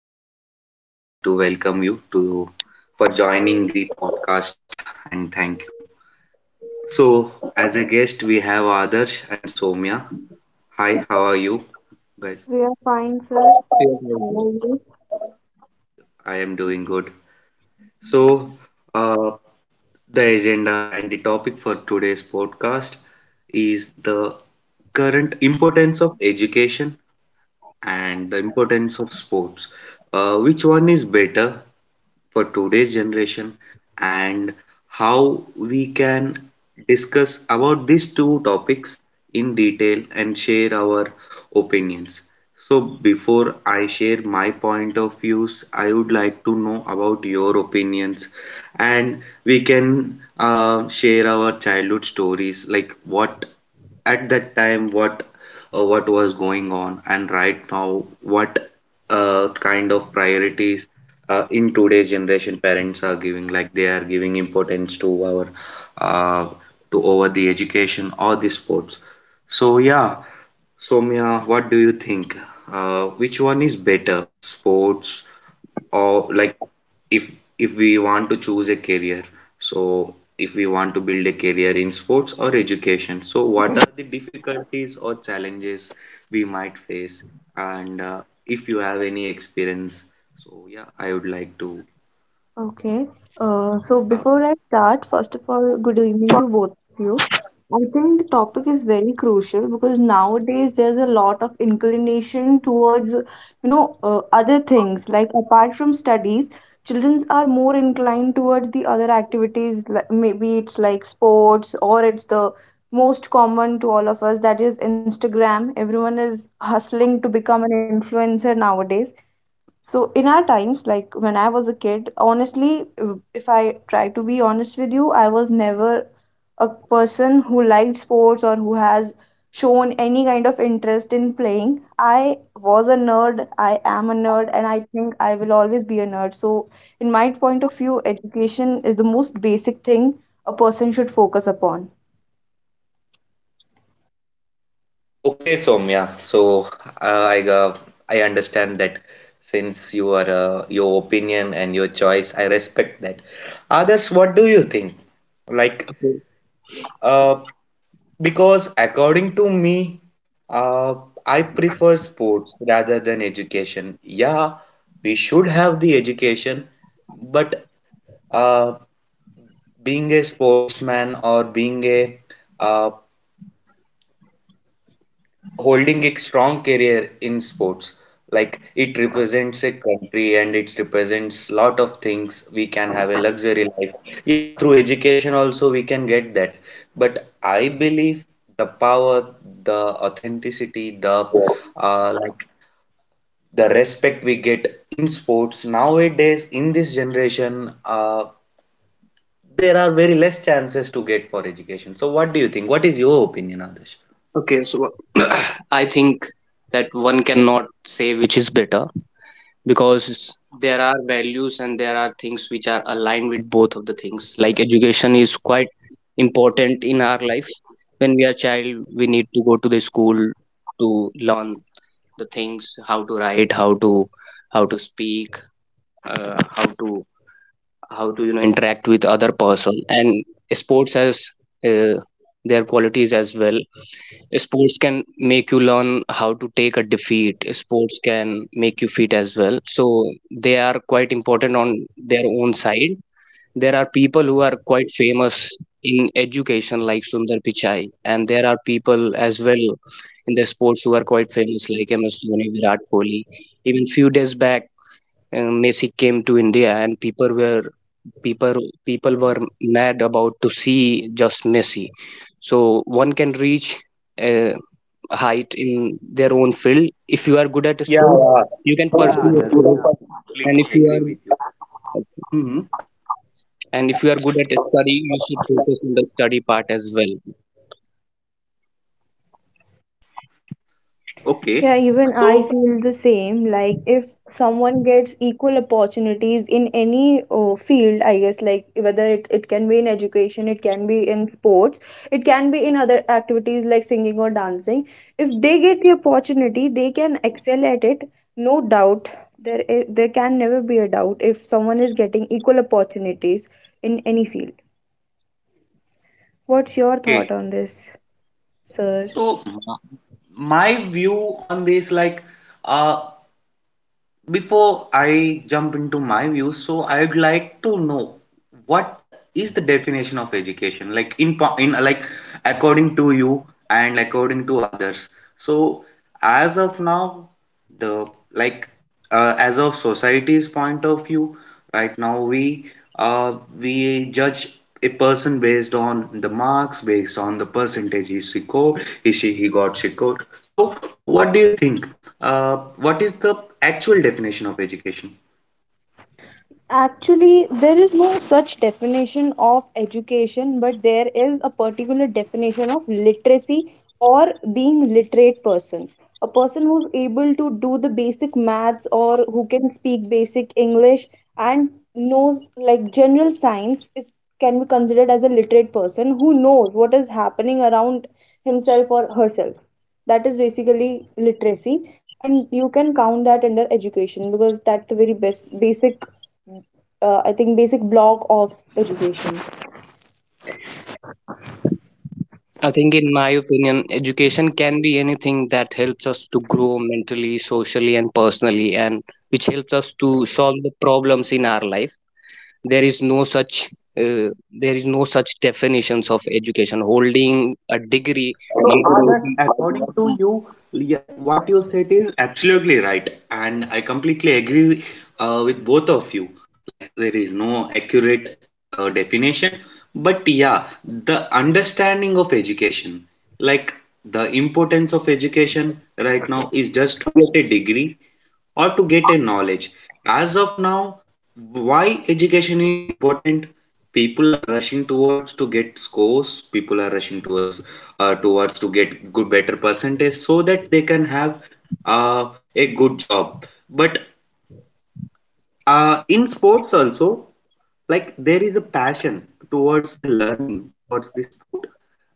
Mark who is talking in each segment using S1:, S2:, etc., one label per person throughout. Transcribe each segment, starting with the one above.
S1: first of all, I would like to welcome you to for joining the podcast and thank you. So, as a guest, we have Adarsh and Somya. Hi, how are you guys?
S2: We are fine, sir.
S3: Fair
S2: How are
S3: mention.
S2: you?
S1: I am doing good. So, uh, the agenda and the topic for today's podcast is the current importance of education and the importance of sports. Which one is better for today's generation, and how we can discuss about these two topics in detail and share our opinions. So, before I share my point of views, I would like to know about your opinions, and we can share our childhood stories, like what at that time, what was going on, and right now what kind of priorities in today's generation parents are giving, like they are giving importance to our uh, to over the education or the sports. So yeah, Somya, what do you think, which one is better, sports? Or like, if if we want to choose a career, so if we want to build a career in sports or education, so what are the difficulties or challenges we might face, and if you have any experience? So yeah, I would like to.
S2: Okay. So
S1: uh,
S2: before I start, first of all, good evening to both of you. I think the topic is very crucial because nowadays there's a lot of inclination towards, other things. Like apart from studies, children are more inclined towards the other activities. Maybe it's like sports or it's the most common to all of us, that is Instagram. Everyone is hustling to become an influencer nowadays. So in our times, like when I was a kid, honestly, if I try to be honest with you, I was never a person who liked sports or who has shown any kind of interest in playing. I was a nerd, I am a nerd, and I think I will always be a nerd. So in my point of view, education is the most basic thing a person should focus upon.
S1: okay, okay, Soumya, so uh, i uh, I understand that since you are, your opinion and your choice I respect that. Others, what do you think, like?
S3: Okay.
S1: uh, Because according to me, uh, I prefer sports rather than education. Yeah, we should have the education, but uh, being a sportsman or being a, uh, holding a strong career in sports, like it represents a country and it represents lot of things, we can have a luxury life, yeah, through education also we can get that. But I believe the power, the authenticity, the like the respect we get in sports nowadays in this generation, there are very less chances to get for education. So what do you think, what is your opinion on?
S3: Okay. So I think that one cannot say which is better, because there are values and there are things which are aligned with both of the things. Like, education is quite important in our life. When we are child, we need to go to the school to learn the things, how to write, how to speak, uh, how to how to interact with other person. And sports has uh, their qualities as well. Sports can make you learn how to take a defeat. Sports can make you fit as well. So they are quite important on their own side. There are people who are quite famous in education, like Sundar Pichai, and there are people as well in the sports who are quite famous, like MS Dhoni, Virat Kohli. Even few days back, Messi came to India, and people people were mad about to see just Messi. So one can reach a height in their own field. If you are good at
S1: Yeah,
S3: sport,
S1: yeah.
S3: you can
S1: Yeah,
S3: pursue a
S1: that's Student,
S3: sport,
S1: yeah,
S3: and
S1: completely agree with you. Hmm.
S3: if you are good at study, you should focus on the study part as well.
S1: Okay.
S2: Yeah, even I
S1: So,
S2: feel the same. Like, if someone gets equal opportunities in any field, I guess, like whether it can be in education, it can be in sports, it can be in other activities like singing or dancing. If they get the opportunity, they can excel at it, no doubt. There can never be a doubt if someone is getting equal opportunities in any field. What's your
S1: okay.
S2: thought on this, sir?
S1: So, my view on this, like, uh, before I jump into my view, so I'd like to know what is the definition of education, like in like according to you and according to others. So, as of now, the like, as of society's point of view right now, we judge a person based on the marks, based on the percentage is he scored, is she, he got, she scored. So what do you think, what is the actual definition of education?
S2: Actually, there is no such definition of education, but there is a particular definition of literacy or being literate person. A person who's able to do the basic maths or who can speak basic English and knows like general science is can be considered as a literate person who knows what is happening around himself or herself. That is basically literacy, and you can count that under education because that's the very best basic I think, basic block of education.
S3: I think, in my opinion, education can be anything that helps us to grow mentally, socially, and personally, and which helps us to solve the problems in our life. there is no such uh, there is no such definitions of education. Holding a degree
S1: So,
S3: might not
S1: Adarsh,
S3: be
S1: according to you, yeah, what you said is absolutely right, and I completely agree with both of you. Like, there is no accurate definition, but yeah, the understanding of education, like the importance of education right now, is just to get a degree or to get a knowledge. As of now, why education is important? People are rushing towards to get scores. People are rushing towards to get good better percentage so that they can have uh, a good job. But in sports also, like there is a passion towards a learning towards the sport,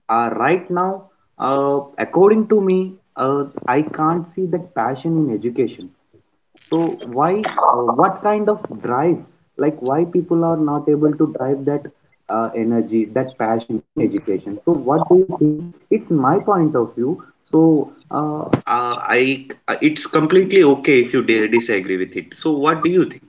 S1: right now, according to me, I can't see that passion in education. So why, what kind of drive, like why people are not able to drive that energy, that passion in education? So what do you think? It's my point of view. So, it's completely okay if you disagree with it. So what do you think?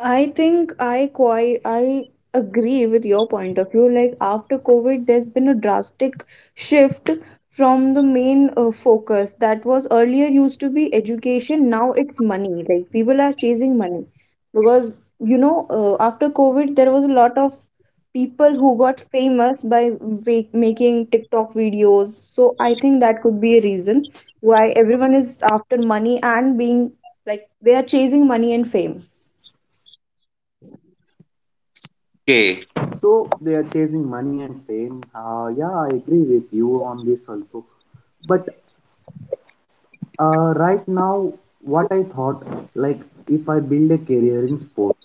S2: I think I quite I agree with your point of view. Like after COVID, there's been a drastic shift from the main focus that was earlier used to be education. Now it's money. Like people are chasing money because after COVID, there was a lot of people who got famous by making TikTok videos. So I think that could be a reason why everyone is after money and being like they are chasing money and fame.
S1: Okay. So they are chasing money and fame. Yeah, I agree with you on this also. But right now, what I thought, like, if I build a career in sports,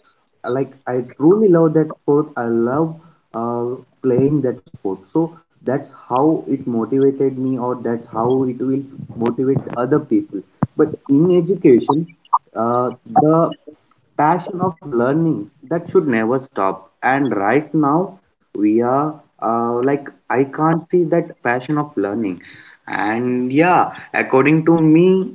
S1: like, I truly love that sport. I love uh, playing that sport. So that's how it motivated me, or that's how it will motivate other people. But in education, uh, the passion of learning that should never stop. And right now, we are, like, I can't see that passion of learning. And yeah, according to me,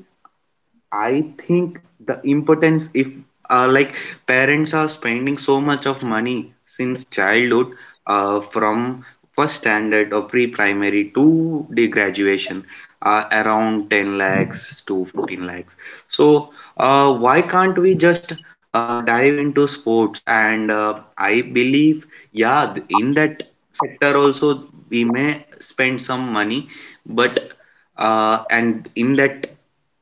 S1: I think the importance, if like parents are spending so much of money since childhood, from first standard or pre-primary to the graduation, around 10 lakhs to 15 lakhs. So, why can't we just dive into sports? And I believe, yeah, in that sector also we may spend some money, but and in that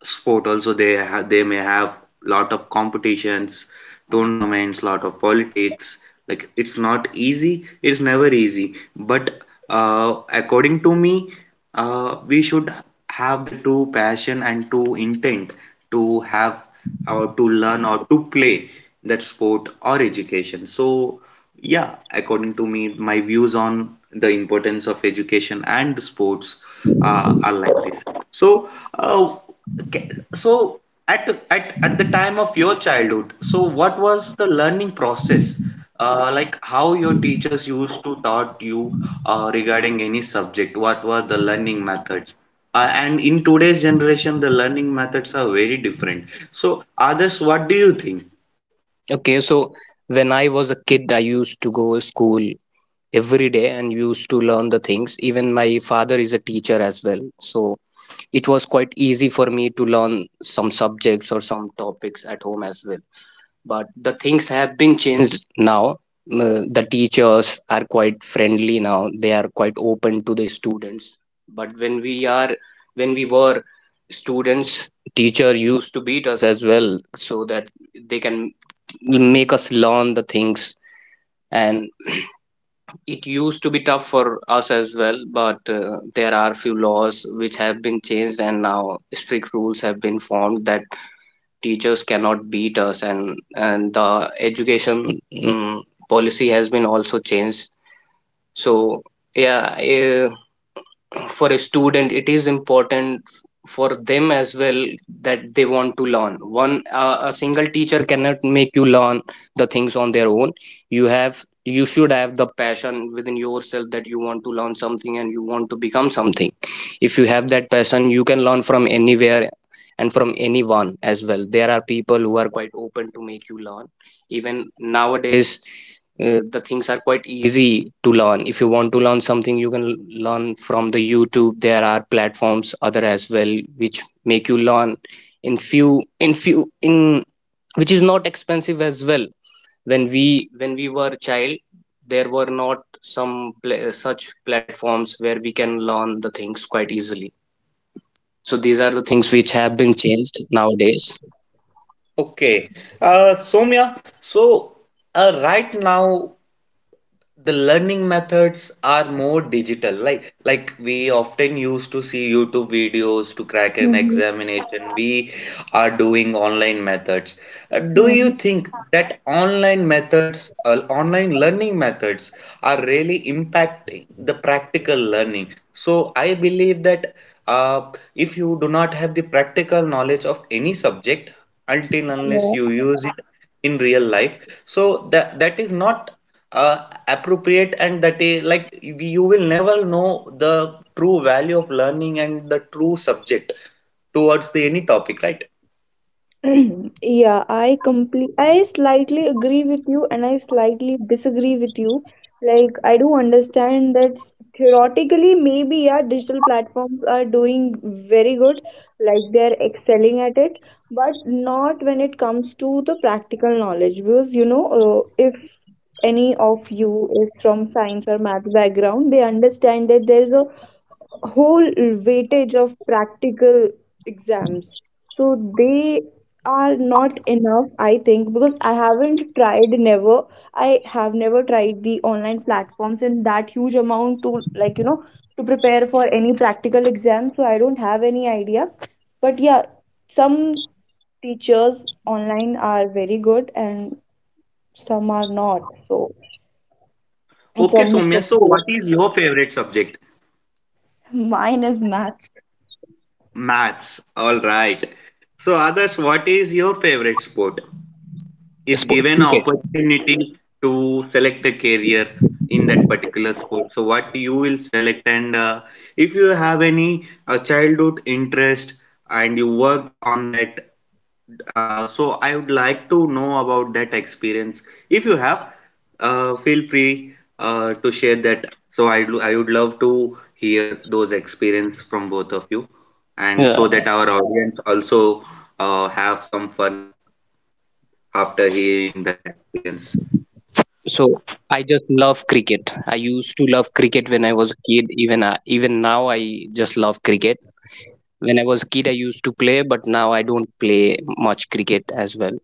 S1: sport also they may have lot of competitions, tournaments, lot of politics. Like it's not easy. It's never easy. But according to me, we should have the true passion and true intent to have or to learn or to play that sport or education. So yeah, according to me, my views on the importance of education and sports are like this. So, uh, so at the time of your childhood, so what was the learning process? Like how your teachers used to taught you regarding any subject? What were the learning methods? And in today's generation, the learning methods are very different. So, others, what do you think?
S3: okay. So when I was a kid, I used to go to school every day and used to learn the things. Even my father is a teacher as well, so it was quite easy for me to learn some subjects or some topics at home as well. But the things have been changed now. The teachers are quite friendly now. They are quite open to the students, but when we were students, teacher used to beat us as well, so that they can make us learn the things. And it used to be tough for us as well. But there are few laws which have been changed, and now strict rules have been formed that teachers cannot beat us. And the education policy has been also changed. So yeah, for a student it is important for them as well that they want to learn. One a single teacher cannot make you learn the things on their own. You should have the passion within yourself, that you want to learn something and you want to become something. If you have that passion, you can learn from anywhere and from anyone as well. There are people who are quite open to make you learn. Even nowadays, the things are quite easy to learn. If you want to learn something, you can learn from the YouTube. There are platforms other as well which make you learn in few in few in which is not expensive as well. When we were a child, there were not such platforms where we can learn the things quite easily. So these are the things which have been changed nowadays.
S1: Okay, Soumya, so right now the learning methods are more digital, like we often used to see YouTube videos to crack an
S2: Mhm,
S1: examination, we are doing online methods. Do you
S2: mhm,
S1: think that online learning methods are really impacting the practical learning? So I believe that if you do not have the practical knowledge of any subject until unless
S2: yeah.
S1: you use it in real life, so that that is not appropriate, and that is like, you will never know the true value of learning and the true subject towards the any topic, right?
S2: Yeah, I slightly agree with you and I slightly disagree with you. Like I do understand that theoretically maybe yeah digital platforms are doing very good, like they're excelling at it, but not when it comes to the practical knowledge because if any of you is from science or math background, they understand that there's a whole weightage of practical exams. So they are not enough, I think, because I have never tried the online platforms in that huge amount to, to prepare for any practical exam, so I don't have any idea. But yeah, some teachers online are very good and some are not, so it's
S1: Okay,
S2: a mix
S1: Soumya,
S2: of
S1: so
S2: both.
S1: what is your favorite subject?
S2: Mine is maths.
S1: Maths. All right. So others, what is your favorite sport? If given
S3: Cricket.
S1: opportunity to select a career in that particular sport, so what you will select, and if you have any childhood interest and you worked on that, so I would like to know about that experience if you have. Feel free to share that, so I would love to hear those experience from both of you, and
S3: Yeah,
S1: so that our audience also have some fun after hearing that experience.
S3: so I just love cricket. I used to love cricket when I was a kid. Even now I just love cricket. When I was a kid, I used to play, but now I don't play much cricket as well,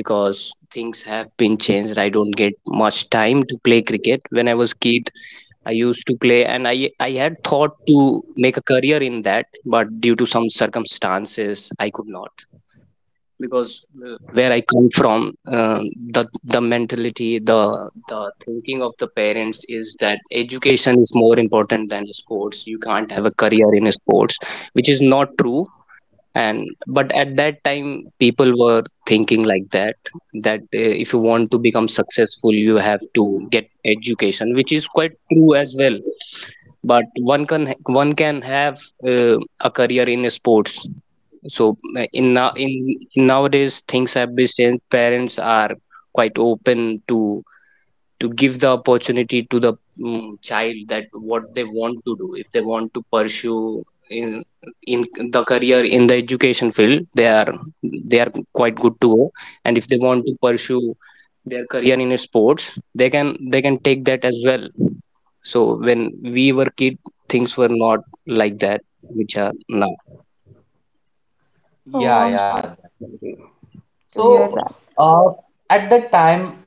S3: because things have been changed. I don't get much time to play cricket. When I was a kid, I used to play, and I had thought to make a career in that, but due to some circumstances I could not. Because where I come from, the mentality, the thinking of the parents is that education is more important than sports. You can't have a career in sports, which is not true. And But at that time people were thinking like that, that if you want to become successful, you have to get education, which is quite true as well. But one can have uh, a career in sports. So in nowadays things have been changed. Parents are quite open to give the opportunity to the child, that what they want to do. If they want to pursue in in the career in the education field, they are quite good to go. And if they want to pursue their career in sports, they can they can take that as well. So when we were kid, things were not like that which are now.
S2: Oh,
S1: Yeah,
S2: I'm so
S1: yeah.
S2: sorry to hear
S1: So,
S2: that.
S1: uh, at that time,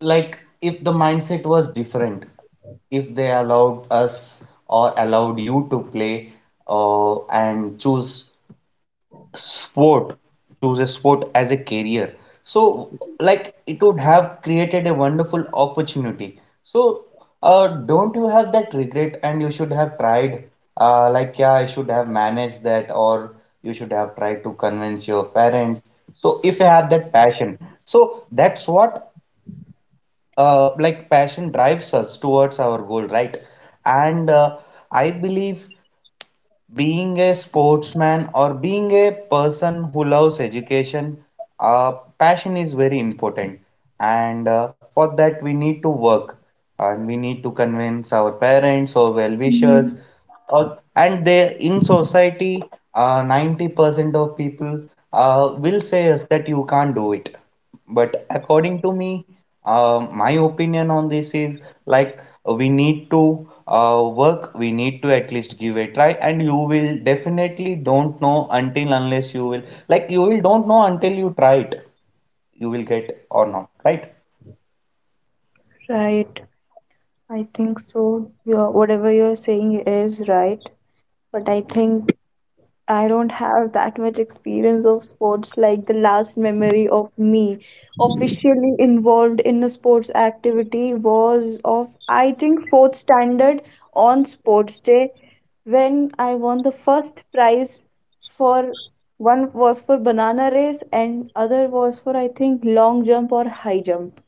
S1: like if the mindset was different, if they allowed us or allowed you to play, and choose sport, choose a sport as a career, so like it would have created a wonderful opportunity. So don't you have that regret? And you should have tried, like yeah, I should have managed that, or you should have tried to convince your parents. So if you have that passion, so that's what, like passion drives us towards our goal, right? And I believe being a sportsman or being a person who loves education, uh, passion is very important. And for that, we need to work and we need to convince our parents or well wishers.
S2: Mm,
S1: And they in society, 90% of people will say us that you can't do it. But according to me, my opinion on this is like we need to work, we need to at least give a try, and you will definitely don't know until unless you will, like you will don't know until you try it, you will get or not, right?
S2: right. I think so, yeah, whatever you're saying is right, but I think I don't have that much experience of sports. Like the last memory of me officially involved in a sports activity was of I think fourth standard on sports day when I won the first prize for one was for banana race and other was for I think long jump or high jump.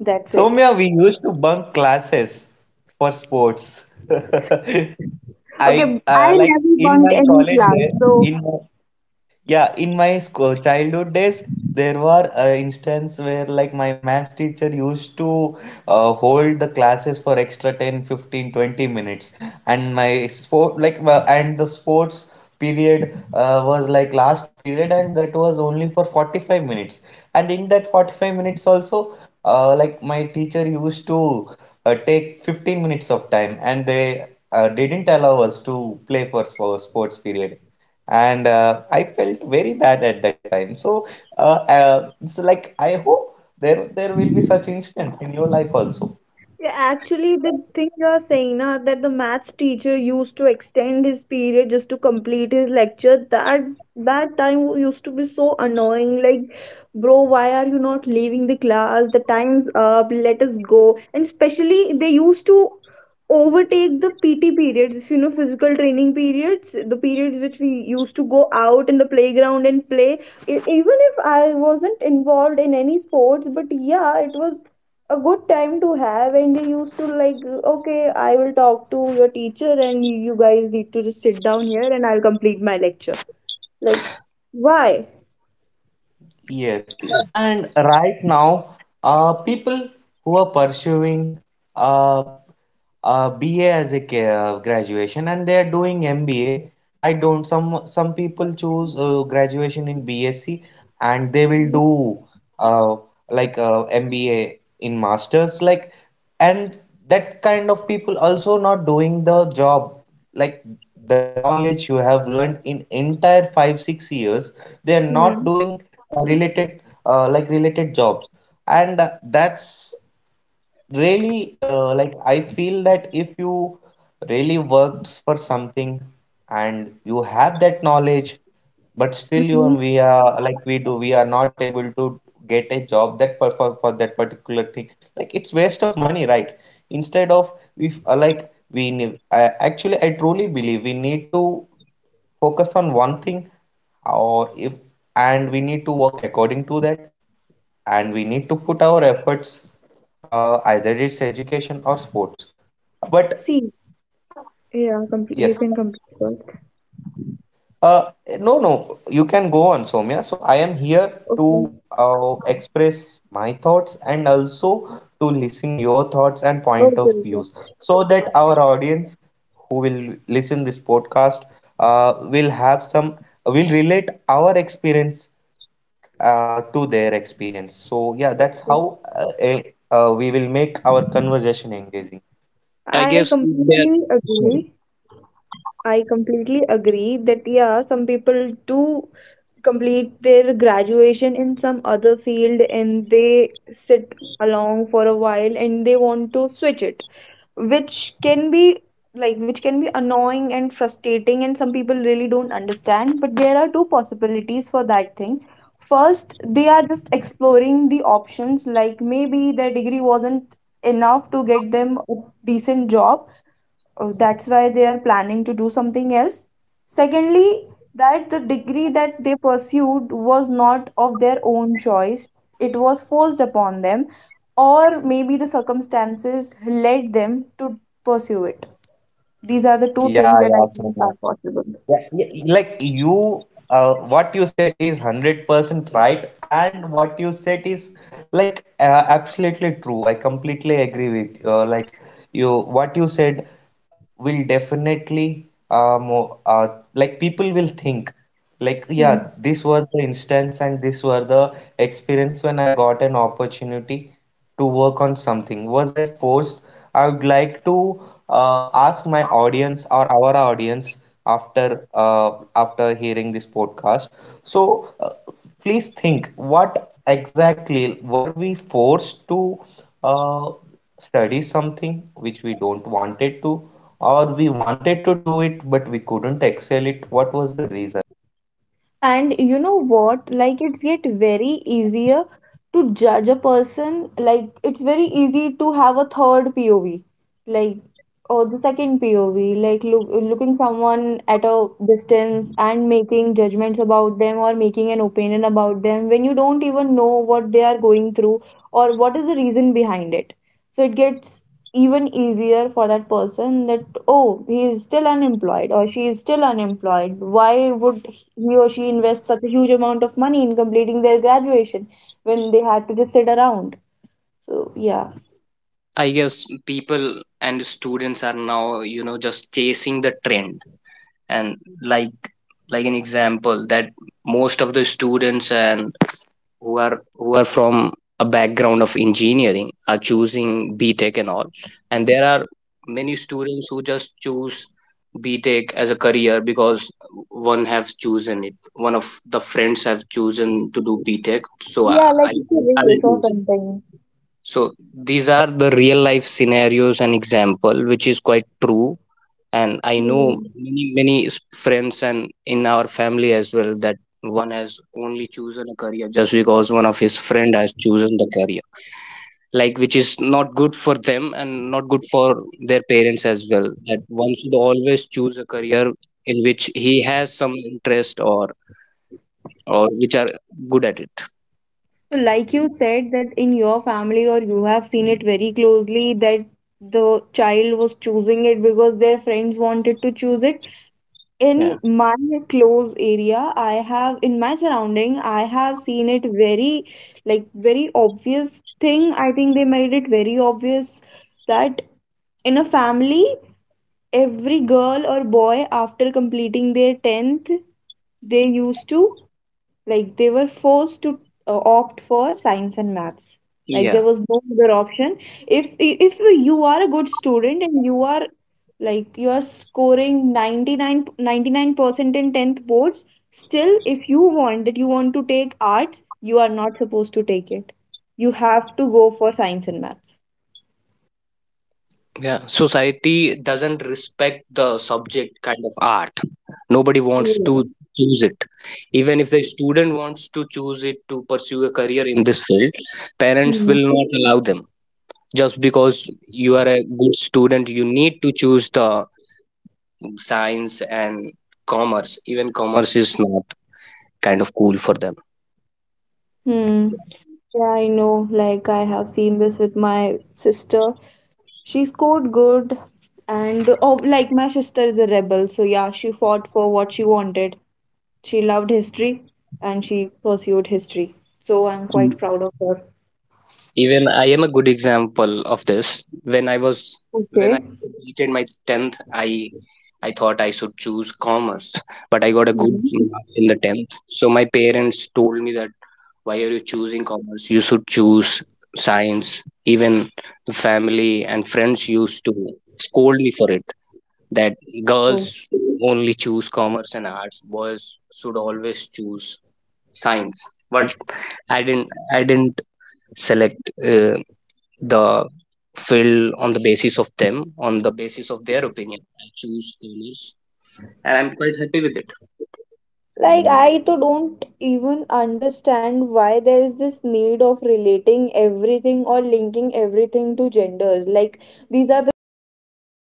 S2: That's it.
S1: Soumya, we used to bunk classes for sports.
S2: Okay,
S1: I
S2: I
S1: like
S2: never
S1: in
S2: bunked
S1: my
S2: any
S1: college
S2: class,
S1: day,
S2: so.
S1: in my, yeah, in my school childhood days, there were instances where like my maths teacher used to hold the classes for extra 10, 15, 20 minutes, and my sport like well, and the sports period was like last period, and that was only for 45 minutes. And in that 45 minutes also, like my teacher used to take 15 minutes of time, and they didn't allow us to play for sports period, and I felt very bad at that time. So, uh, it's like I hope there will be such instance in your life also.
S2: Yeah, actually, the thing you're saying now that the maths teacher used to extend his period just to complete his lecture, that time used to be so annoying. Like, bro, why are you not leaving the class? The time's up. Let us go. And especially, they used to overtake the PT periods. If you know physical training periods, the periods which we used to go out in the playground and play. Even if I wasn't involved in any sports, but yeah, it was a good time to have, and they used to like, okay, I will talk to your teacher and you guys need to just sit down here and I'll complete my lecture. Like, why?
S1: Yes, and right now, people who are pursuing uh, BA as a graduation, and they are doing MBA. I don't Some people choose graduation in BSc and they will do uh, like MBA in masters, like, and that kind of people also not doing the job, like the knowledge you have learned in entire 5 6 years, they are not
S2: Mm-hmm.
S1: doing related like related jobs. And that's really like I feel that if you really worked for something and you have that knowledge, but
S2: Hmm.
S1: we are like we are not able to get a job that for that particular thing. Like, it's waste of money, right? Instead of if like we need, actually I truly believe we need to focus on one thing. Or if And we need to work according to that and we need to put our efforts, either it's education or sports, but
S2: See, yeah, complete you
S1: yes.
S2: can complete first.
S1: uh, no, you can go on, Soumya, so I am here to
S2: okay
S1: express my thoughts and also to listen your thoughts and point
S2: okay
S1: of views,
S2: okay,
S1: so that our audience who will listen this podcast will have some, will relate our experience to their experience. So yeah, that's
S2: Okay.
S1: how we will make our conversation engaging.
S3: I
S2: i
S3: guess they're
S2: completely agree
S3: sorry
S2: I completely agree that yeah, some people do complete their graduation in some other field and they sit along for a while and they want to switch it, which can be which can be annoying and frustrating, and some people really don't understand, but there are two possibilities for that thing. First, they are just exploring the options, like maybe their degree wasn't enough to get them a decent job. That's why they are planning to do something else. Secondly, that the degree that they pursued was not of their own choice. It was forced upon them, or maybe the circumstances led them to pursue it. These are the two
S1: Yeah,
S2: things that I
S1: yeah, so
S2: think are possible.
S1: Yeah, yeah, like you, what you said is 100% right, and what you said is like absolutely true. I completely agree with you. Like you, what you said will definitely, like people will think, like,
S2: Hmm.
S1: yeah, this was the instance and this were the experience when I got an opportunity to work on something. Was I forced? I would like to uh, ask my audience or our audience after uh, after hearing this podcast, so uh, please think what exactly were we forced to, uh, study something which we don't wanted to, or we wanted to do it but we couldn't excel it. What was the reason? uh,
S2: And you know
S1: and
S2: what? Like it's
S1: according to
S2: get very
S1: me,
S2: easier
S1: the
S2: to judge
S1: most
S2: a
S1: important
S2: person.
S1: time
S2: Like
S1: for
S2: it's very
S1: youth
S2: easy to have a
S1: is
S2: third
S1: the
S2: POV,
S1: 16 to
S2: like,
S1: 23 age
S2: or
S1: period.
S2: the
S1: That's the
S2: second POV,
S1: time when
S2: like
S1: we
S2: look,
S1: learn
S2: looking
S1: something and we
S2: someone
S1: have
S2: at
S1: that
S2: a
S1: passion, we have
S2: distance
S1: that
S2: and
S1: energy
S2: making
S1: to
S2: judgments
S1: grasp
S2: about them or
S1: anything.
S2: making an
S1: So,
S2: opinion about them when you don't
S1: and
S2: even know
S1: right now
S2: what they are
S1: people are
S2: going through
S1: engaging with
S2: or what is the
S1: social,
S2: reason
S1: like
S2: behind
S1: you
S2: it.
S1: said,
S2: So it
S1: people
S2: gets
S1: are
S2: even
S1: doing
S2: easier for that
S1: Instagram reels, they are
S2: person that,
S1: scrolling
S2: oh,
S1: reels, they
S2: he
S1: are
S2: is still
S1: doing everything
S2: unemployed or
S1: else,
S2: she
S1: but
S2: is still
S1: not concentrating
S2: unemployed,
S1: at career.
S2: why would
S1: So,
S2: he or
S1: if
S2: she invests such a
S1: So
S2: huge
S1: what do you
S2: amount of
S1: think?
S2: money in
S1: Like, in
S2: completing
S1: that
S2: their
S1: also they are
S2: graduation
S1: making
S2: when
S1: career,
S2: they had
S1: but
S2: to just sit
S1: what is
S2: around.
S1: the
S2: So yeah.
S1: use? How
S3: I guess
S1: society
S3: people
S1: looks
S3: and students
S1: like?
S3: are now
S1: What society
S3: just
S1: will think
S3: chasing the
S1: about
S3: trend.
S1: those
S3: And
S1: people? So
S3: like
S1: what do you
S3: like
S1: think?
S3: an example, that most of the students and who are
S1: Adarsh,
S3: from a background of engineering are choosing B Tech and all.
S1: Adarsh,
S3: And there are many students who just choose B Tech as a career
S1: Somya,
S3: because
S1: am I
S3: one
S1: audible?
S3: has chosen it, one of the
S1: So there
S3: friends
S1: were
S3: have chosen to
S1: instances
S3: do B Tech,
S1: where
S3: so
S2: Yeah, like
S3: i,
S2: it's a
S3: I will
S2: race or
S1: people
S3: choose it.
S1: might
S2: something.
S1: think what to
S3: So
S1: do
S3: these
S1: and
S3: are the real
S1: what
S3: life
S1: not to do.
S3: scenarios and example, which is quite
S1: I hope
S3: true.
S1: you are audible,
S3: And I
S1: guys. Why
S3: know
S1: you
S2: Hmm.
S1: are not
S3: many
S1: responding?
S3: friends and in our family as well, that one has
S1: Yes,
S3: only
S1: am I
S3: chosen a
S1: audible?
S3: career just because one of his friend has chosen the career, like, which
S1: Adarsh.
S3: is not good for
S1: So
S3: them and not good for their parents as well. That
S1: sorry
S3: one should
S1: guys,
S3: always choose a
S1: due to
S3: career
S1: some
S3: in
S1: technical
S3: which he has
S1: issues,
S3: some
S1: we are not
S3: interest
S1: able
S3: or
S1: to, like
S3: which
S1: they
S3: are
S1: are not able
S3: good at
S1: to
S3: it.
S1: hear me. I
S2: So,
S1: don't
S2: like
S1: know
S2: you
S1: what
S2: said,
S1: happened.
S2: that in your
S1: Uh,
S2: family or you have seen
S1: let's
S2: it very
S1: see
S2: closely
S1: how
S2: that
S1: will
S2: the
S1: they able
S2: child
S1: to
S2: was
S1: join me
S2: choosing it
S1: back.
S2: because their friends wanted to
S1: Adarsh,
S2: choose
S1: I'm
S2: it.
S1: audible.
S2: In
S3: Yeah.
S2: my close area, I
S1: Somya, I'm
S2: have in
S1: audible to
S2: my
S1: you.
S2: surrounding, I have seen it
S1: What
S2: very
S1: happened?
S2: like very obvious thing, I think they made it very obvious
S1: Guys,
S2: that
S1: are we
S2: in a
S1: audible?
S2: family
S1: Am I audible?
S2: every girl or boy after completing their 10th
S1: So
S2: they
S1: I
S2: used to
S1: need to stop this
S2: like they were
S1: recording.
S2: forced to
S1: Uh,
S2: opt for
S1: I'm really
S2: science and
S1: sorry we could
S2: maths.
S1: have
S2: Like, there
S3: Yeah.
S1: extended
S2: was
S1: this
S2: no other
S1: podcast,
S2: option. if if
S1: but
S2: you
S1: we
S2: are a
S1: couldn't
S2: good
S1: able
S2: student
S1: to
S2: and you are
S1: join the,
S2: like you are
S1: like end this
S2: scoring ninety
S1: podcast
S2: nine
S1: since,
S2: ninety
S1: like
S2: nine
S1: since
S2: percent in 10th
S1: they are
S2: boards,
S1: not
S2: still
S1: responding to
S2: if
S1: me due to some
S2: you want
S1: technical
S2: to take
S1: issues.
S2: arts, you are not
S1: So
S2: supposed to
S1: yeah,
S2: take it. You
S1: whatever
S2: have to go
S1: happened
S2: for
S1: in
S2: science
S1: this
S2: and maths.
S1: conversation was
S3: Yeah, society doesn't
S1: some
S3: respect
S1: useful
S3: the
S1: content
S3: subject
S1: for
S3: kind
S1: you
S3: of
S1: guys,
S3: art. Nobody
S1: and
S3: wants to
S2: Yeah.
S1: the
S3: choose it.
S1: importance of
S3: Even if the student
S1: education
S3: wants
S1: or
S3: to
S1: what
S3: choose
S1: to
S3: it to pursue
S1: choose,
S3: a
S1: what
S3: career in
S1: not to
S3: this field,
S1: choose. I
S3: parents
S2: Mm.
S3: will
S1: believe
S3: not
S1: you
S3: allow
S1: need
S3: them,
S1: to work
S3: just because
S1: on
S3: you are
S1: something.
S3: a good student, you
S1: It's for
S3: need
S1: my
S3: to choose the
S1: users, like the
S3: science
S1: listeners who are
S3: and
S1: listening.
S3: commerce. Even
S1: Why I
S3: commerce
S1: am
S3: is
S1: tra
S3: not
S1: like Since they are not
S3: kind of cool for
S1: responding,
S3: them.
S1: I am sharing my views over the
S2: Hmm.
S1: over
S2: Yeah,
S1: to you.
S2: I know.
S1: So
S2: Like, I have seen
S1: yes,
S2: this
S1: we
S2: with
S1: need to
S2: my
S1: work hard,
S2: sister.
S1: whatever we
S2: She
S1: love.
S2: scored
S1: If
S2: good,
S1: you are
S2: and
S1: interested in
S2: oh, like, my
S1: education,
S2: sister
S1: so
S2: is a
S1: do it
S2: rebel, so
S1: with
S2: yeah, she
S1: passion.
S2: fought
S1: It is
S2: for what
S1: my
S2: she
S1: point
S2: wanted.
S1: of view. You
S2: She
S1: may
S2: loved
S1: disagree
S2: history
S1: with it.
S2: and she
S1: I can
S2: pursued
S1: completely
S2: history.
S1: understand.
S2: So I'm
S1: But
S2: quite proud
S1: yeah,
S2: of her.
S3: Even I
S1: and
S3: am a good example of this.
S1: Adarsh,
S3: when i
S1: are you
S3: was
S1: able to
S3: when
S1: listen
S3: I
S2: Okay.
S1: me?
S3: completed my 10th, i
S1: Am I audible?
S3: I thought I should choose commerce, but I got a good mark in the 10th, so my parents
S1: Adarsh,
S3: told me that why are you
S1: am I
S3: choosing
S1: audible to
S3: commerce,
S1: you?
S3: you should choose science. Even family and friends used to
S1: Okay.
S3: scold me for it,
S1: Anyway,
S3: that
S1: so
S3: girls
S2: Mm.
S1: thank you for
S3: only choose commerce and arts,
S1: listening
S3: boys
S1: us.
S3: should
S1: This is
S3: always
S1: not the
S3: choose
S1: way what I wanted
S3: science.
S1: to
S3: But i didn't
S1: convey,
S3: i
S1: but
S3: didn't
S1: due to some technical
S3: select
S1: issues, we are
S3: the
S1: not able to
S3: field on the
S1: do
S3: basis
S1: this
S3: of them,
S1: podcast
S3: on the basis
S1: or
S3: of their
S1: continue
S3: opinion. I choose
S1: this
S3: commerce,
S1: podcast.
S3: and I'm
S1: So
S3: quite happy with it.
S1: thank you for joining us,
S2: Like,
S1: and
S2: I to
S1: thank you
S2: don't
S1: for listening.
S2: even understand
S1: This
S2: why there is
S1: podcast.
S2: this need of relating everything or linking everything to genders. Like, these are the things for boys and these